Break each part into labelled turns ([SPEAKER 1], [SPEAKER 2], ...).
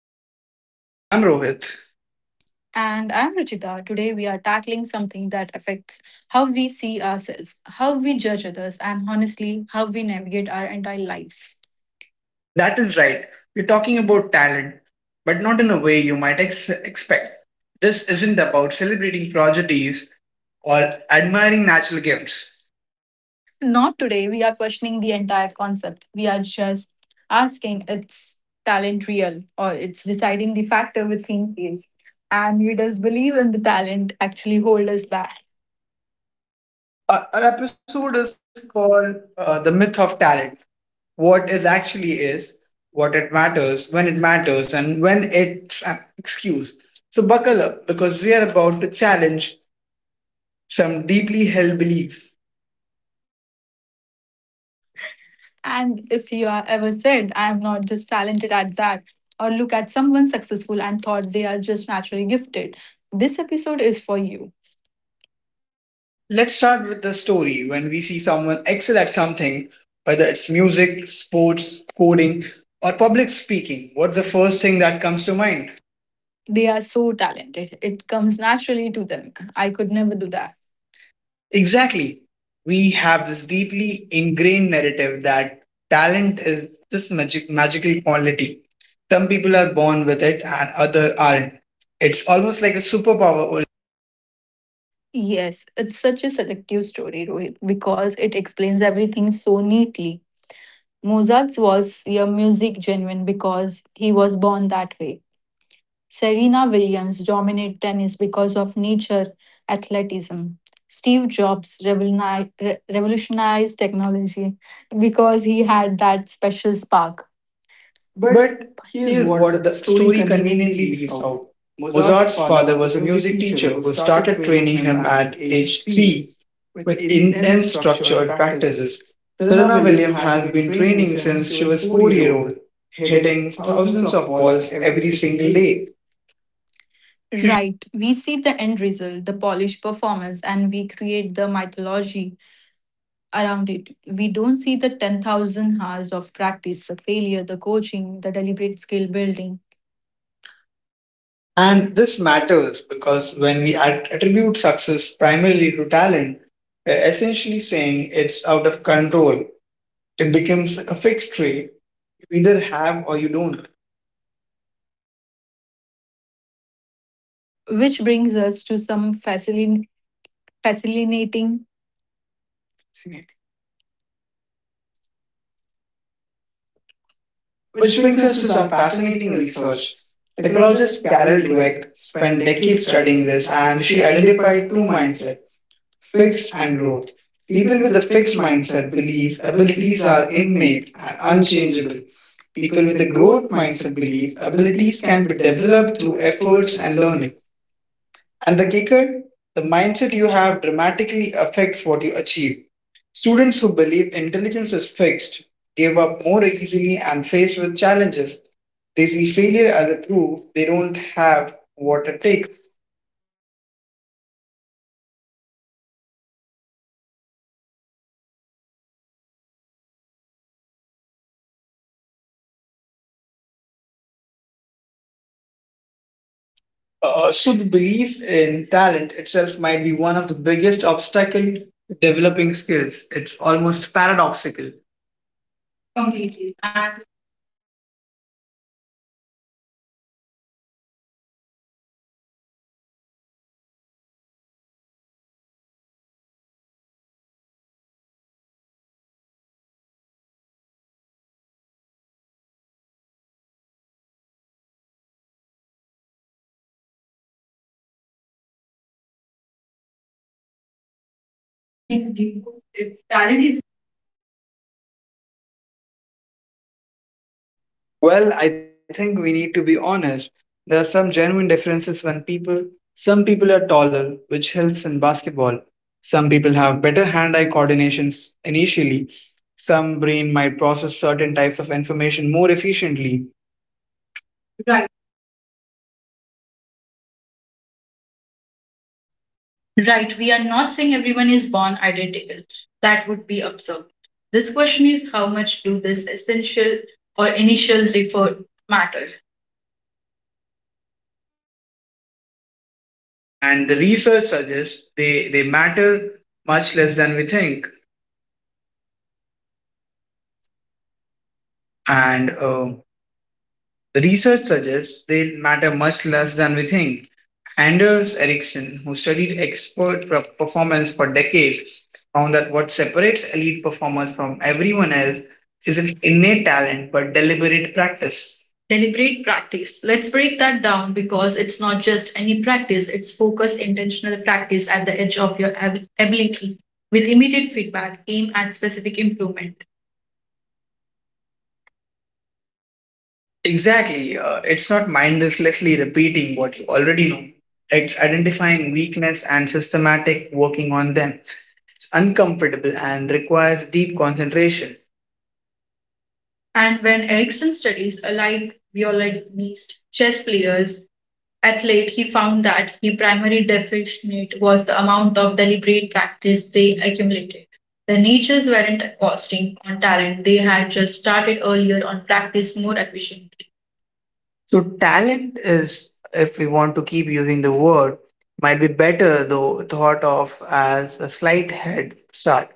[SPEAKER 1] back to another episode. I'm Rohit.
[SPEAKER 2] And I'm Ruchita. Today we are tackling something that affects how we see ourselves, how we judge others, and honestly, how we navigate our entire lives.
[SPEAKER 1] That is right, we're talking about talent, but not in a way you might expect. This isn't about celebrating prodigies or admiring natural gifts.
[SPEAKER 2] Not today, we are questioning the entire concept. We are just asking its talent real or it's deciding the factor within think is. And we just believe in the talent actually hold us back.
[SPEAKER 1] Our episode is called The Myth of Talent. What is actually is, what it matters, when it matters, and when it's an excuse. So, buckle up because we are about to challenge some deeply held beliefs.
[SPEAKER 2] And if you are ever said, I am not just talented at that, or look at someone successful and thought they are just naturally gifted, this episode is for you.
[SPEAKER 1] Let's start with the story. When we see someone excel at something, whether it's music, sports, coding, or public speaking, what's the first thing that comes to mind?
[SPEAKER 2] They are so talented. It comes naturally to them. I could never do that.
[SPEAKER 1] Exactly. We have this deeply ingrained narrative that talent is this magical quality. Some people are born with it and others aren't. It's almost like a superpower.
[SPEAKER 2] Yes, it's such a selective story, Rohit, because it explains everything so neatly. Mozart's was your music genuine because he was born that way. Serena Williams dominated tennis because of nature athleticism. Steve Jobs revolutionized technology because he had that special spark. But
[SPEAKER 1] But
[SPEAKER 2] here's
[SPEAKER 1] here's
[SPEAKER 2] what
[SPEAKER 1] what
[SPEAKER 2] the
[SPEAKER 1] the
[SPEAKER 2] story
[SPEAKER 1] story
[SPEAKER 2] conveniently
[SPEAKER 1] conveniently
[SPEAKER 2] leaves
[SPEAKER 1] leaves
[SPEAKER 2] out.
[SPEAKER 1] out.
[SPEAKER 2] Mozart's
[SPEAKER 1] Mozart's
[SPEAKER 2] father
[SPEAKER 1] father
[SPEAKER 2] was a
[SPEAKER 1] was a
[SPEAKER 2] music
[SPEAKER 1] music
[SPEAKER 2] teacher
[SPEAKER 1] teacher
[SPEAKER 2] who
[SPEAKER 1] who
[SPEAKER 2] started
[SPEAKER 1] started
[SPEAKER 2] training
[SPEAKER 1] training
[SPEAKER 2] him
[SPEAKER 1] him
[SPEAKER 2] at
[SPEAKER 1] at
[SPEAKER 2] age
[SPEAKER 1] age
[SPEAKER 2] three
[SPEAKER 1] three
[SPEAKER 2] with
[SPEAKER 1] with
[SPEAKER 2] intense
[SPEAKER 1] intense
[SPEAKER 2] structured
[SPEAKER 1] structured
[SPEAKER 2] practices.
[SPEAKER 1] practices.
[SPEAKER 2] Serena
[SPEAKER 1] Serena
[SPEAKER 2] Williams
[SPEAKER 1] Williams
[SPEAKER 2] has
[SPEAKER 1] has
[SPEAKER 2] been
[SPEAKER 1] been
[SPEAKER 2] training
[SPEAKER 1] training
[SPEAKER 2] since
[SPEAKER 1] since
[SPEAKER 2] she
[SPEAKER 1] she
[SPEAKER 2] was
[SPEAKER 1] was
[SPEAKER 2] four
[SPEAKER 1] four
[SPEAKER 2] year
[SPEAKER 1] years
[SPEAKER 2] old,
[SPEAKER 1] old,
[SPEAKER 2] hitting
[SPEAKER 1] hitting
[SPEAKER 2] thousands
[SPEAKER 1] thousands
[SPEAKER 2] of
[SPEAKER 1] of
[SPEAKER 2] balls
[SPEAKER 1] balls
[SPEAKER 2] every
[SPEAKER 1] every
[SPEAKER 2] single
[SPEAKER 1] single
[SPEAKER 2] day.
[SPEAKER 1] day.
[SPEAKER 2] Right. We see the end result, the polished performance, and we create the mythology around it. We don't see the 10,000 hours of practice, the failure, the coaching, the deliberate skill building.
[SPEAKER 1] And this matters because when we attribute success primarily to talent, we're essentially saying it's out of control. It becomes a fixed trait. You either have or you don't.
[SPEAKER 2] Which brings us to some fascinating, fascinating Fascinating. Which
[SPEAKER 1] Which
[SPEAKER 2] brings
[SPEAKER 1] brings
[SPEAKER 2] us
[SPEAKER 1] us
[SPEAKER 2] to
[SPEAKER 1] to
[SPEAKER 2] some
[SPEAKER 1] some
[SPEAKER 2] fascinating
[SPEAKER 1] fascinating
[SPEAKER 2] research.
[SPEAKER 1] research.
[SPEAKER 2] Psychologist
[SPEAKER 1] Psychologist
[SPEAKER 2] Carol
[SPEAKER 1] Carol
[SPEAKER 2] Dweck
[SPEAKER 1] Dweck
[SPEAKER 2] spent
[SPEAKER 1] spent
[SPEAKER 2] decades
[SPEAKER 1] decades
[SPEAKER 2] studying
[SPEAKER 1] studying
[SPEAKER 2] this,
[SPEAKER 1] this,
[SPEAKER 2] and
[SPEAKER 1] and
[SPEAKER 2] she
[SPEAKER 1] she
[SPEAKER 2] identified
[SPEAKER 1] identified
[SPEAKER 2] two
[SPEAKER 1] two minds,
[SPEAKER 2] mindsets, fixed
[SPEAKER 1] fixed
[SPEAKER 2] and
[SPEAKER 1] and growth.
[SPEAKER 2] growth. People
[SPEAKER 1] People
[SPEAKER 2] with
[SPEAKER 1] with
[SPEAKER 2] a
[SPEAKER 1] a
[SPEAKER 2] fixed
[SPEAKER 1] fixed
[SPEAKER 2] mindset
[SPEAKER 1] mindset
[SPEAKER 2] believe
[SPEAKER 1] believe
[SPEAKER 2] abilities
[SPEAKER 1] abilities
[SPEAKER 2] are
[SPEAKER 1] are
[SPEAKER 2] innate
[SPEAKER 1] innate and
[SPEAKER 2] and
[SPEAKER 1] unchangeable.
[SPEAKER 2] unchangeable. People
[SPEAKER 1] People
[SPEAKER 2] with
[SPEAKER 1] with
[SPEAKER 2] a
[SPEAKER 1] a
[SPEAKER 2] growth
[SPEAKER 1] growth
[SPEAKER 2] mindset
[SPEAKER 1] mindset
[SPEAKER 2] believe abilities
[SPEAKER 1] abilities
[SPEAKER 2] can
[SPEAKER 1] can
[SPEAKER 2] be
[SPEAKER 1] be
[SPEAKER 2] developed
[SPEAKER 1] developed
[SPEAKER 2] through
[SPEAKER 1] through
[SPEAKER 2] efforts
[SPEAKER 1] efforts
[SPEAKER 2] and
[SPEAKER 1] and
[SPEAKER 2] learning.
[SPEAKER 1] learning. And the kicker, the mindset you have dramatically affects what you achieve. Students who believe intelligence is fixed give up more easily and faced with challenges. They see failure as a proof they don't have what it takes.
[SPEAKER 2] Meanwhile, students who believe in intelligence can grow, see challenges as opportunity, and failure as information. They persist longer and ultimately achieve more.
[SPEAKER 1] So the belief in talent itself might be one of the biggest obstacle to developing skills. It's almost paradoxical.
[SPEAKER 2] Completely.
[SPEAKER 1] And
[SPEAKER 2] And we see this play out everywhere. Someone tries painting for first time. Their work doesn't look like masters and they say, I guess I'm not artist. They tried once and decide their entire potential based on that. We
[SPEAKER 1] really,
[SPEAKER 2] really that
[SPEAKER 1] that
[SPEAKER 2] first
[SPEAKER 1] first
[SPEAKER 2] painting
[SPEAKER 1] painting
[SPEAKER 2] is
[SPEAKER 1] is
[SPEAKER 2] just
[SPEAKER 1] just
[SPEAKER 2] showing
[SPEAKER 1] showing
[SPEAKER 2] you
[SPEAKER 1] you
[SPEAKER 2] where
[SPEAKER 1] where
[SPEAKER 2] you
[SPEAKER 1] you
[SPEAKER 2] are
[SPEAKER 1] are
[SPEAKER 2] right
[SPEAKER 1] right,
[SPEAKER 2] now, not
[SPEAKER 1] not
[SPEAKER 2] where
[SPEAKER 1] where
[SPEAKER 2] you
[SPEAKER 1] you will
[SPEAKER 2] could be
[SPEAKER 1] be
[SPEAKER 2] with
[SPEAKER 1] with
[SPEAKER 2] practice.
[SPEAKER 1] practice.
[SPEAKER 2] So
[SPEAKER 1] So
[SPEAKER 2] let's
[SPEAKER 1] let's
[SPEAKER 2] dig
[SPEAKER 1] think.
[SPEAKER 2] deeper. If talent isn't this magical inborn gift, what is it that actually.
[SPEAKER 1] Well,
[SPEAKER 2] Well,
[SPEAKER 1] I
[SPEAKER 2] I
[SPEAKER 1] think
[SPEAKER 2] think
[SPEAKER 1] we
[SPEAKER 2] we
[SPEAKER 1] need to
[SPEAKER 2] need to
[SPEAKER 1] be
[SPEAKER 2] be
[SPEAKER 1] honest.
[SPEAKER 2] honest.
[SPEAKER 1] There are
[SPEAKER 2] There are
[SPEAKER 1] some
[SPEAKER 2] some
[SPEAKER 1] genuine
[SPEAKER 2] genuine differences
[SPEAKER 1] differences when
[SPEAKER 2] from
[SPEAKER 1] people,
[SPEAKER 2] people.
[SPEAKER 1] some
[SPEAKER 2] Some
[SPEAKER 1] people
[SPEAKER 2] people
[SPEAKER 1] are
[SPEAKER 2] are taller,
[SPEAKER 1] taller, which
[SPEAKER 2] which
[SPEAKER 1] helps
[SPEAKER 2] helps
[SPEAKER 1] in
[SPEAKER 2] in
[SPEAKER 1] basketball.
[SPEAKER 2] basketball.
[SPEAKER 1] Some
[SPEAKER 2] Some
[SPEAKER 1] people
[SPEAKER 2] people
[SPEAKER 1] have
[SPEAKER 2] have
[SPEAKER 1] better
[SPEAKER 2] better
[SPEAKER 1] hand eye
[SPEAKER 2] hand-eye
[SPEAKER 1] coordination
[SPEAKER 2] coordination
[SPEAKER 1] initially.
[SPEAKER 2] initially.
[SPEAKER 1] Some
[SPEAKER 2] Some
[SPEAKER 1] brain
[SPEAKER 2] brain
[SPEAKER 1] might
[SPEAKER 2] might
[SPEAKER 1] process
[SPEAKER 2] process
[SPEAKER 1] certain
[SPEAKER 2] certain
[SPEAKER 1] types
[SPEAKER 2] types
[SPEAKER 1] of
[SPEAKER 2] of
[SPEAKER 1] information
[SPEAKER 2] information
[SPEAKER 1] more
[SPEAKER 2] more
[SPEAKER 1] efficiently.
[SPEAKER 2] efficiently.
[SPEAKER 1] Right.
[SPEAKER 2] Right, we are not saying
[SPEAKER 1] Right.
[SPEAKER 2] right,
[SPEAKER 1] We
[SPEAKER 2] we
[SPEAKER 1] are
[SPEAKER 2] are
[SPEAKER 1] not
[SPEAKER 2] not
[SPEAKER 1] saying
[SPEAKER 2] saying
[SPEAKER 1] everyone
[SPEAKER 2] everyone
[SPEAKER 1] is
[SPEAKER 2] is born identical.
[SPEAKER 1] that
[SPEAKER 2] That
[SPEAKER 1] good
[SPEAKER 2] would be
[SPEAKER 1] observed.
[SPEAKER 2] absurd.
[SPEAKER 1] This
[SPEAKER 2] This
[SPEAKER 1] question
[SPEAKER 2] question
[SPEAKER 1] is
[SPEAKER 2] is
[SPEAKER 1] how
[SPEAKER 2] how
[SPEAKER 1] much
[SPEAKER 2] much
[SPEAKER 1] do
[SPEAKER 2] do
[SPEAKER 1] this
[SPEAKER 2] this
[SPEAKER 1] essential
[SPEAKER 2] essential
[SPEAKER 1] or
[SPEAKER 2] or
[SPEAKER 1] initials
[SPEAKER 2] initials
[SPEAKER 1] refer
[SPEAKER 2] differ
[SPEAKER 1] matter?
[SPEAKER 2] matter?
[SPEAKER 1] And the research suggests they matter much less than we think. And the research suggests they matter much less than we think. Anders Ericsson, who studied expert performance for decades, found that what separates elite performers from everyone else isn't innate talent but deliberate practice. Deliberate practice. Let's break that down because it's not just any practice, it's focused, intentional practice at the edge of your ability with immediate feedback, aim at specific improvement. Exactly. It's not mindlessly repeating what you already know. It's identifying weakness and systematic working on them. It's uncomfortable and requires deep concentration. And when Erikson studies allied violinist chess players, athlete, he found that the primary deficit was the amount of deliberate practice they accumulated. The natures weren't costing on talent, they had just started earlier on practice more efficiently. So talent is, if we want to keep using the word, might be better though thought of as a slight head start.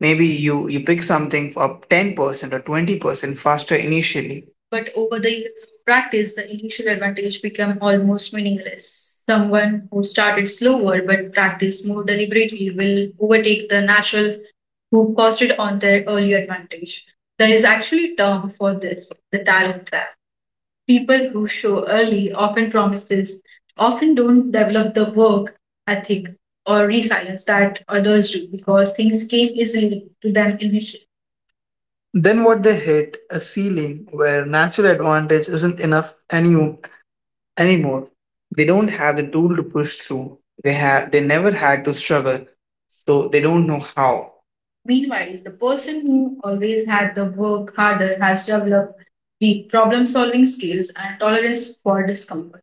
[SPEAKER 1] Maybe you pick something up 10% or 20% faster initially. But over the years of practice, the initial advantage became almost meaningless. Someone who started slower but practiced more deliberately will overtake the natural who posted on their early advantage. There is actually a term for this, the talent trap. People who show early often promises, often don't develop the work ethic or resilience that others do because things came easily to them initially. Then what they hit a ceiling where natural advantage isn't enough anymore. They don't have the tool to push through. They have they never had to struggle, so they don't know how. Meanwhile, the person who always had the work harder has developed the problem solving skills and tolerance for discomfort.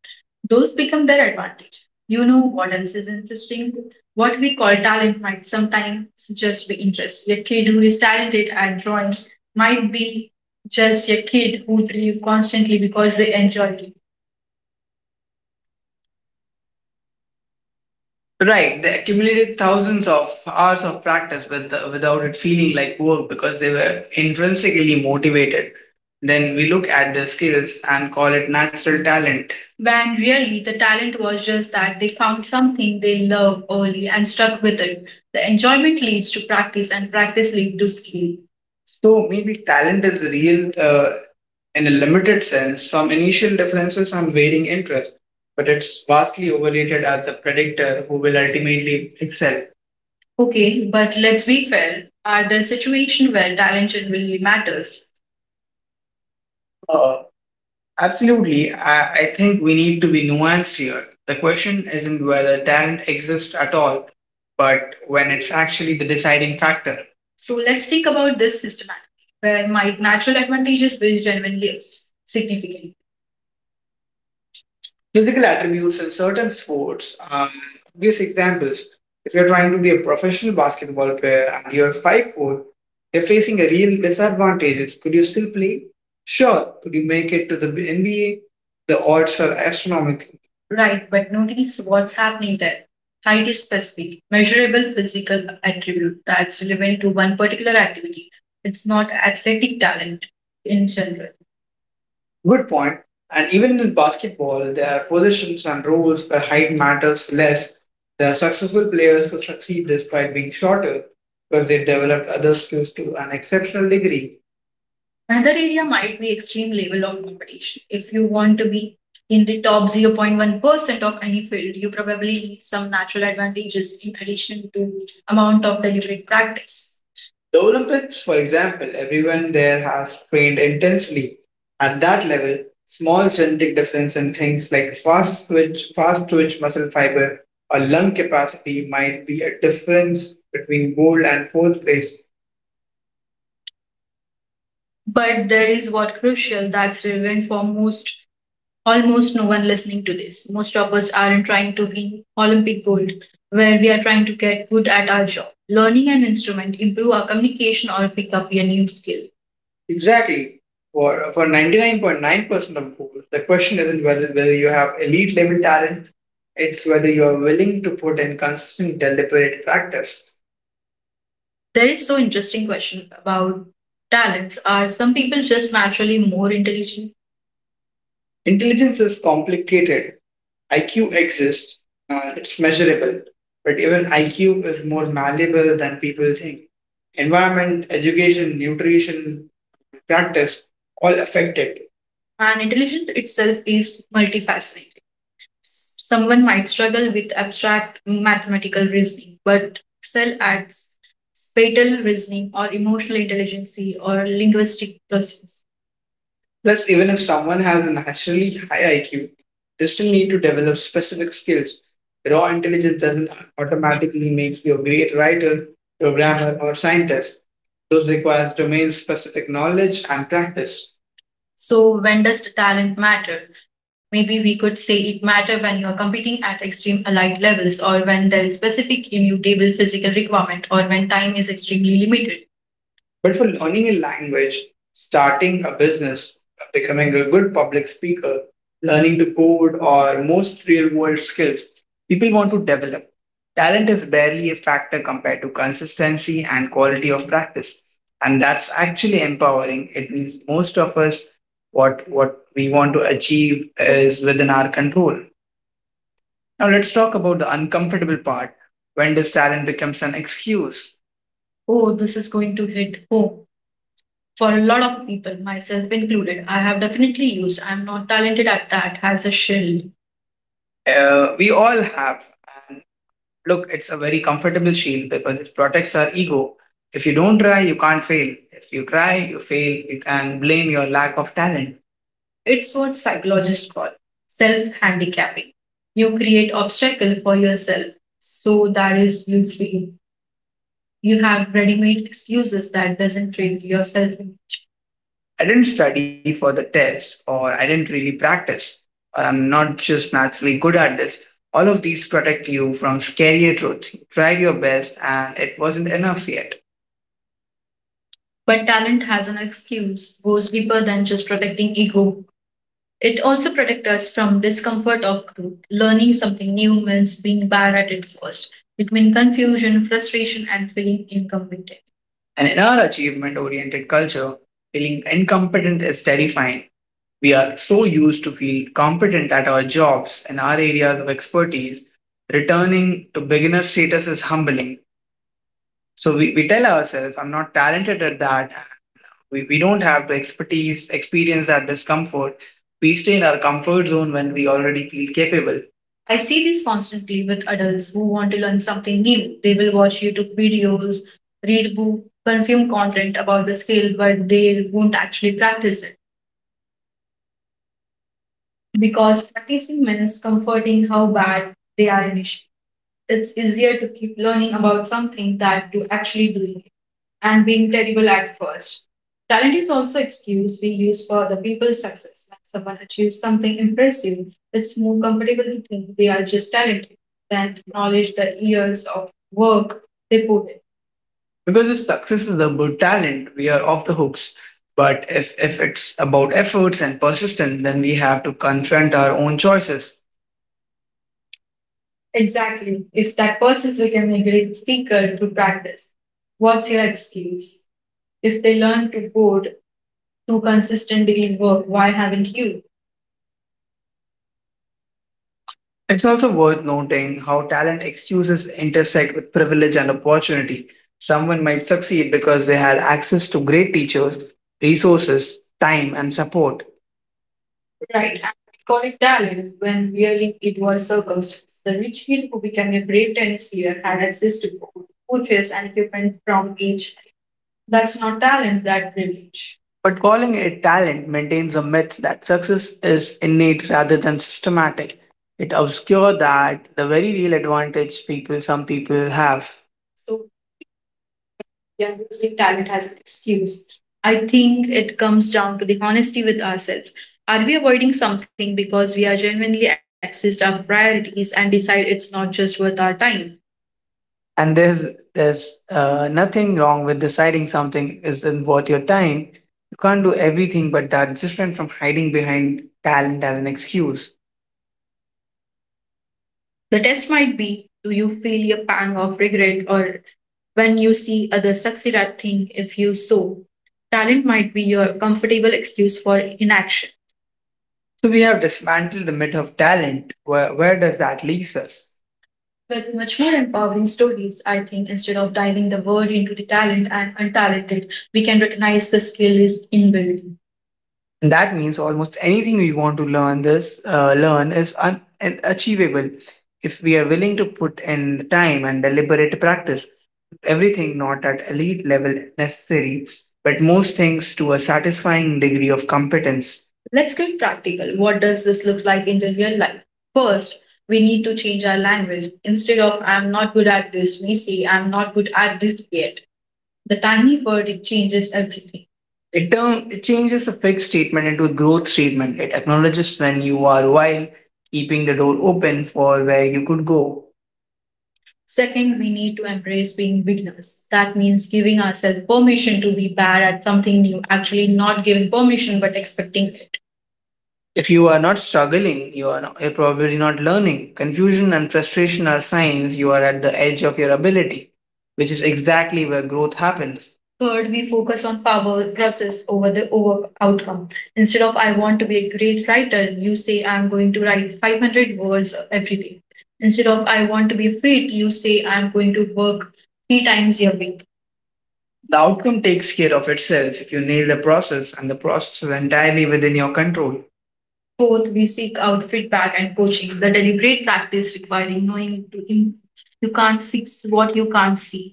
[SPEAKER 1] Those become their advantage. You know what else is interesting? What we call talent might sometimes just be interest. A kid who is talented at drawing might be just a kid who drew constantly because they enjoyed it. Right, they accumulated thousands of hours of practice without it feeling like work because they were intrinsically motivated. Then we look at their skills and call it natural talent. When really the talent was just that they found something they love early and stuck with it. The enjoyment leads to practice, and practice leads to skill. So maybe talent is real in a limited sense, some initial differences and varying interests but it's vastly overrated as a predictor who will ultimately excel. Okay, but let's be fair. Are there situations where talent really matters? Uh, absolutely. I think we need to be nuanced here. The question isn't whether talent exists at all, but when it's actually the deciding factor. So let's think about this systematically, where my natural advantages will genuinely significant. Physical attributes in certain sports are obvious examples. If you're trying to be a professional basketball player and you're 5 foot, you're facing a real disadvantages. Could you still play? Sure. Could you make it to the NBA? The odds are astronomical. Right, but notice what's happening there. Height is specific, measurable physical attribute that's relevant to one particular activity. It's not athletic talent in general. Good point. And even in basketball, there are positions and roles where height matters less. There are successful players who succeed despite being shorter because they developed other skills to an exceptional degree. Another area might be extreme level of competition. If you want to be in the top 0.1% of any field, you probably need some natural advantages in addition to amount of deliberate practice. The Olympics, for example, everyone there has trained intensely. At that level, small genetic difference in things like fast twitch muscle fiber, or lung capacity might be a difference between gold and fourth place. But there is what crucial that's relevant for most, almost no one listening to this. Most of us aren't trying to be Olympic gold, where we are trying to get good at our job, learning an instrument, improve our communication, or pick up a new skill. Exactly. For 99.9% of goals, the question isn't whether you have elite level talent, it's whether you are willing to put in consistent, deliberate practice. There is so interesting question about talents. Are some people just naturally more intelligent? Intelligence is complicated. IQ exists and it's measurable, but even IQ is more malleable than people think. Environment, education, nutrition, practice all affect it. And intelligence itself is multifaceted. Someone might struggle with abstract mathematical reasoning, but excel at spatial reasoning or emotional intelligence or linguistic process. Plus, even if someone has a naturally high IQ, they still need to develop specific skills. Raw intelligence doesn't automatically make you a great writer, programmer, or scientist. Those requires domain-specific knowledge and practice. So when does the talent matter? Maybe we could say it matter when you are competing at extreme elite levels or when there is specific immutable physical requirement or when time is extremely limited. But for learning a language, starting a business, becoming a good public speaker, learning to code, or most real world skills, people want to develop. Talent is barely a factor compared to consistency and quality of practice. And that's actually empowering. It means most of us, what we want to achieve is within our control. Now, let's talk about the uncomfortable part. When does talent becomes an excuse? Oh, this is going to hit home for a lot of people, myself included, I have definitely used I'm not talented at that as a shield. We all have. And look, it's a very comfortable shield because it protects our ego. If you don't try, you can't fail. If you try, you fail. You can blame your lack of talent. It's what psychologists call self handicapping. You create obstacle for yourself so that is you feel you have ready-made excuses that doesn't train yourself I didn't study for the test or I didn't really practice or I'm not just naturally good at this. All of these protect you from scarier truth. You tried your best and it wasn't enough yet. But talent has an excuse, goes deeper than just protecting ego. It also protects us from discomfort of growth. Learning something new means being bad at it first, between confusion, frustration, and feeling incompetent. And in our achievement oriented culture, feeling incompetent is terrifying. We are so used to feel competent at our jobs and our areas of expertise, returning to beginner status is humbling. So we tell ourselves, I'm not talented at that. We don't have the expertise, experience that discomfort. We stay in our comfort zone when we already feel capable. I see this constantly with adults who want to learn something new. They will watch YouTube videos, read book, consume content about the skill, but they won't actually practice it. Because practicing means comforting how bad they are initially. It's easier to keep learning about something than to actually doing it and being terrible at first. Talent is also excuse we use for the people's success. When someone achieves something impressive, it's more comfortable to think they are just talented than to acknowledge the years of work they put in. Because if success is about talent, we are off the hooks. But if it's about efforts and persistence, then we have to confront our own choices. Exactly. If that person becoming a great speaker through practice, what's your excuse? If they learn to code through consistent daily work, why haven't you? It's also worth noting how talent excuses intersect with privilege and opportunity. Someone might succeed because they had access to great teachers, resources, time, and support. Right. And we call it talent when really it was circumstance. The rich kid who became a great tennis player had access to coaches and equipment from each. That's not talent, that's privilege. But calling it talent maintains a myth that success is innate rather than systematic. It obscures that the very real advantage people some people have, yeah, using talent as an excuse. I think it comes down to the honesty with ourselves. Are we avoiding something because we are genuinely accessed our priorities and decide it's not just worth our time? And there's nothing wrong with deciding something isn't worth your time. You can't do everything, but that's different from hiding behind talent as an excuse. The test might be, do you feel a pang of regret or when you see others succeed at thing? If you so? Talent might be your comfortable excuse for inaction. So we have dismantled the myth of talent. Where does that leave us? With much more empowering stories, I think, instead of diving the word into the talent and untalented, we can recognize the skill is inbuilt. And that means almost anything we want to learn this learn is and achievable if we are willing to put in the time and deliberate practice, everything not at elite level necessary, but most things to a satisfying degree of competence. Let's get practical. What does this look like in the real life? First, we need to change our language. Instead of I'm not good at this, we say I'm not good at this yet. The tiny word it changes everything. It changes a fixed statement into a growth statement. It acknowledges when you are while keeping the door open for where you could go. Second, we need to embrace being beginners. That means giving ourselves permission to be bad at something new, actually, not giving permission but expecting it. If you are not struggling, you are you're probably not learning. Confusion and frustration are signs you are at the edge of your ability, which is exactly where growth happens. Third, we focus on power process over outcome. Instead of I want to be a great writer, you say I'm going to write 500 words every day. Instead of I want to be fit, you say I'm going to work three times a week. The outcome takes care of itself if you nail the process, and the process is entirely within your control. Fourth, we seek out feedback and coaching, the deliberate practice requiring knowing to you can't fix what you can't see.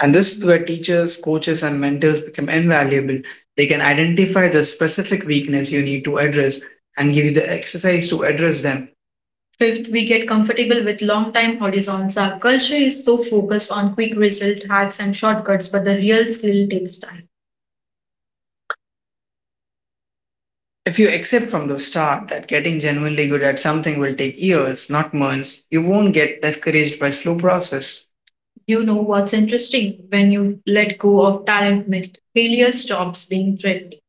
[SPEAKER 1] And this is where teachers, coaches, and mentors become invaluable. They can identify the specific weakness you need to address and give you the exercise to address them. Fifth, we get comfortable with long time horizons. Our culture is so focused on quick result hacks and shortcuts, but the real skill takes time. If you accept from the start that getting genuinely good at something will take years, not months, you won't get discouraged by slow process. You know what's interesting? When you let go of talent myth, failure stops being threatening.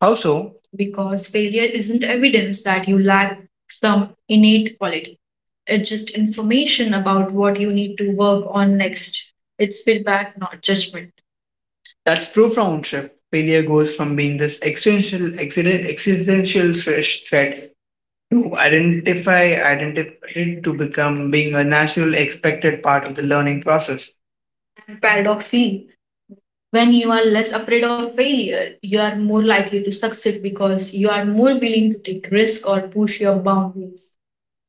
[SPEAKER 1] How so? Because failure isn't evidence that you lack some innate quality. It's just information about what you need to work on next. It's feedback, not judgment. That's true for OwnShift. Failure goes from being this existential, existential threat to identity to become being a natural, expected part of the learning process. Paradoxically, when you are less afraid of failure, you are more likely to succeed because you are more willing to take risk or push your boundaries.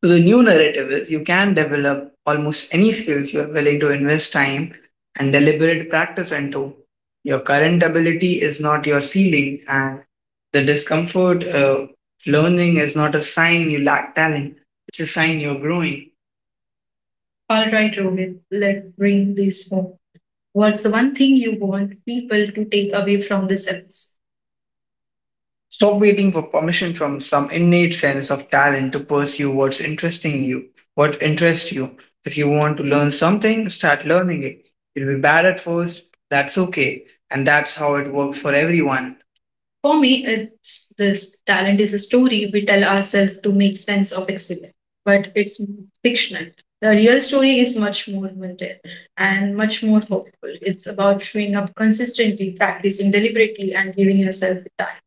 [SPEAKER 1] So the new narrative is you can develop almost any skills you are willing to invest time and deliberate practice into. Your current ability is not your ceiling, and the discomfort of learning is not a sign you lack talent, it's a sign you're growing. All right, Rohit, let's bring this home. What's the one thing you want people to take away from this episode? Stop waiting for permission from some innate sense of talent to pursue what interests you. If you want to learn something, start learning it. You'll be bad at first, that's okay. And that's how it works for everyone. For me, it's this, talent is a story we tell ourselves to make sense of excellence, but it's fictional. The real story is much more mundane and much more hopeful. It's about showing up consistently, practicing deliberately, and giving yourself time.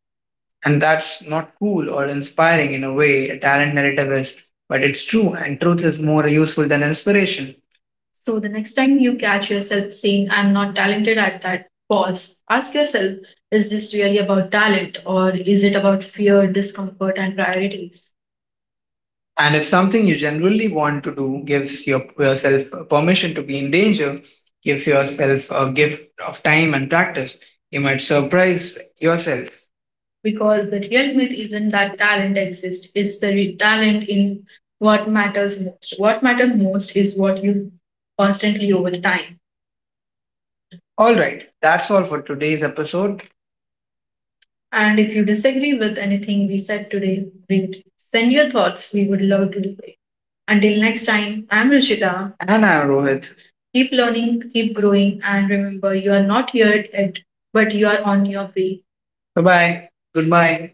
[SPEAKER 1] And that's not cool or inspiring in a way a talent narrative is, but it's true, and truth is more useful than inspiration. So the next time you catch yourself saying, I'm not talented at that, pause. Ask yourself, is this really about talent or is it about fear, discomfort, and priorities? And if something you generally want to do, yourself permission to be in danger, gives yourself a gift of time and practice, you might surprise yourself, because the real myth isn't that talent exists, it's the talent in what matters most. What matters most is what you constantly over time. All right, that's all for today's episode. And if you disagree with anything we said today, read, send your thoughts, we would love to debate. Until next time, I'm Rishita. And I'm Rohit. Keep learning, keep growing, and remember, you are not here yet, but you are on your way. Bye bye. Goodbye.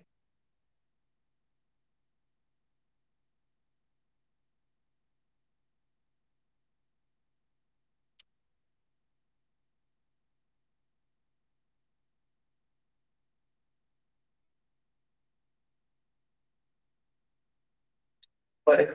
[SPEAKER 1] Bye.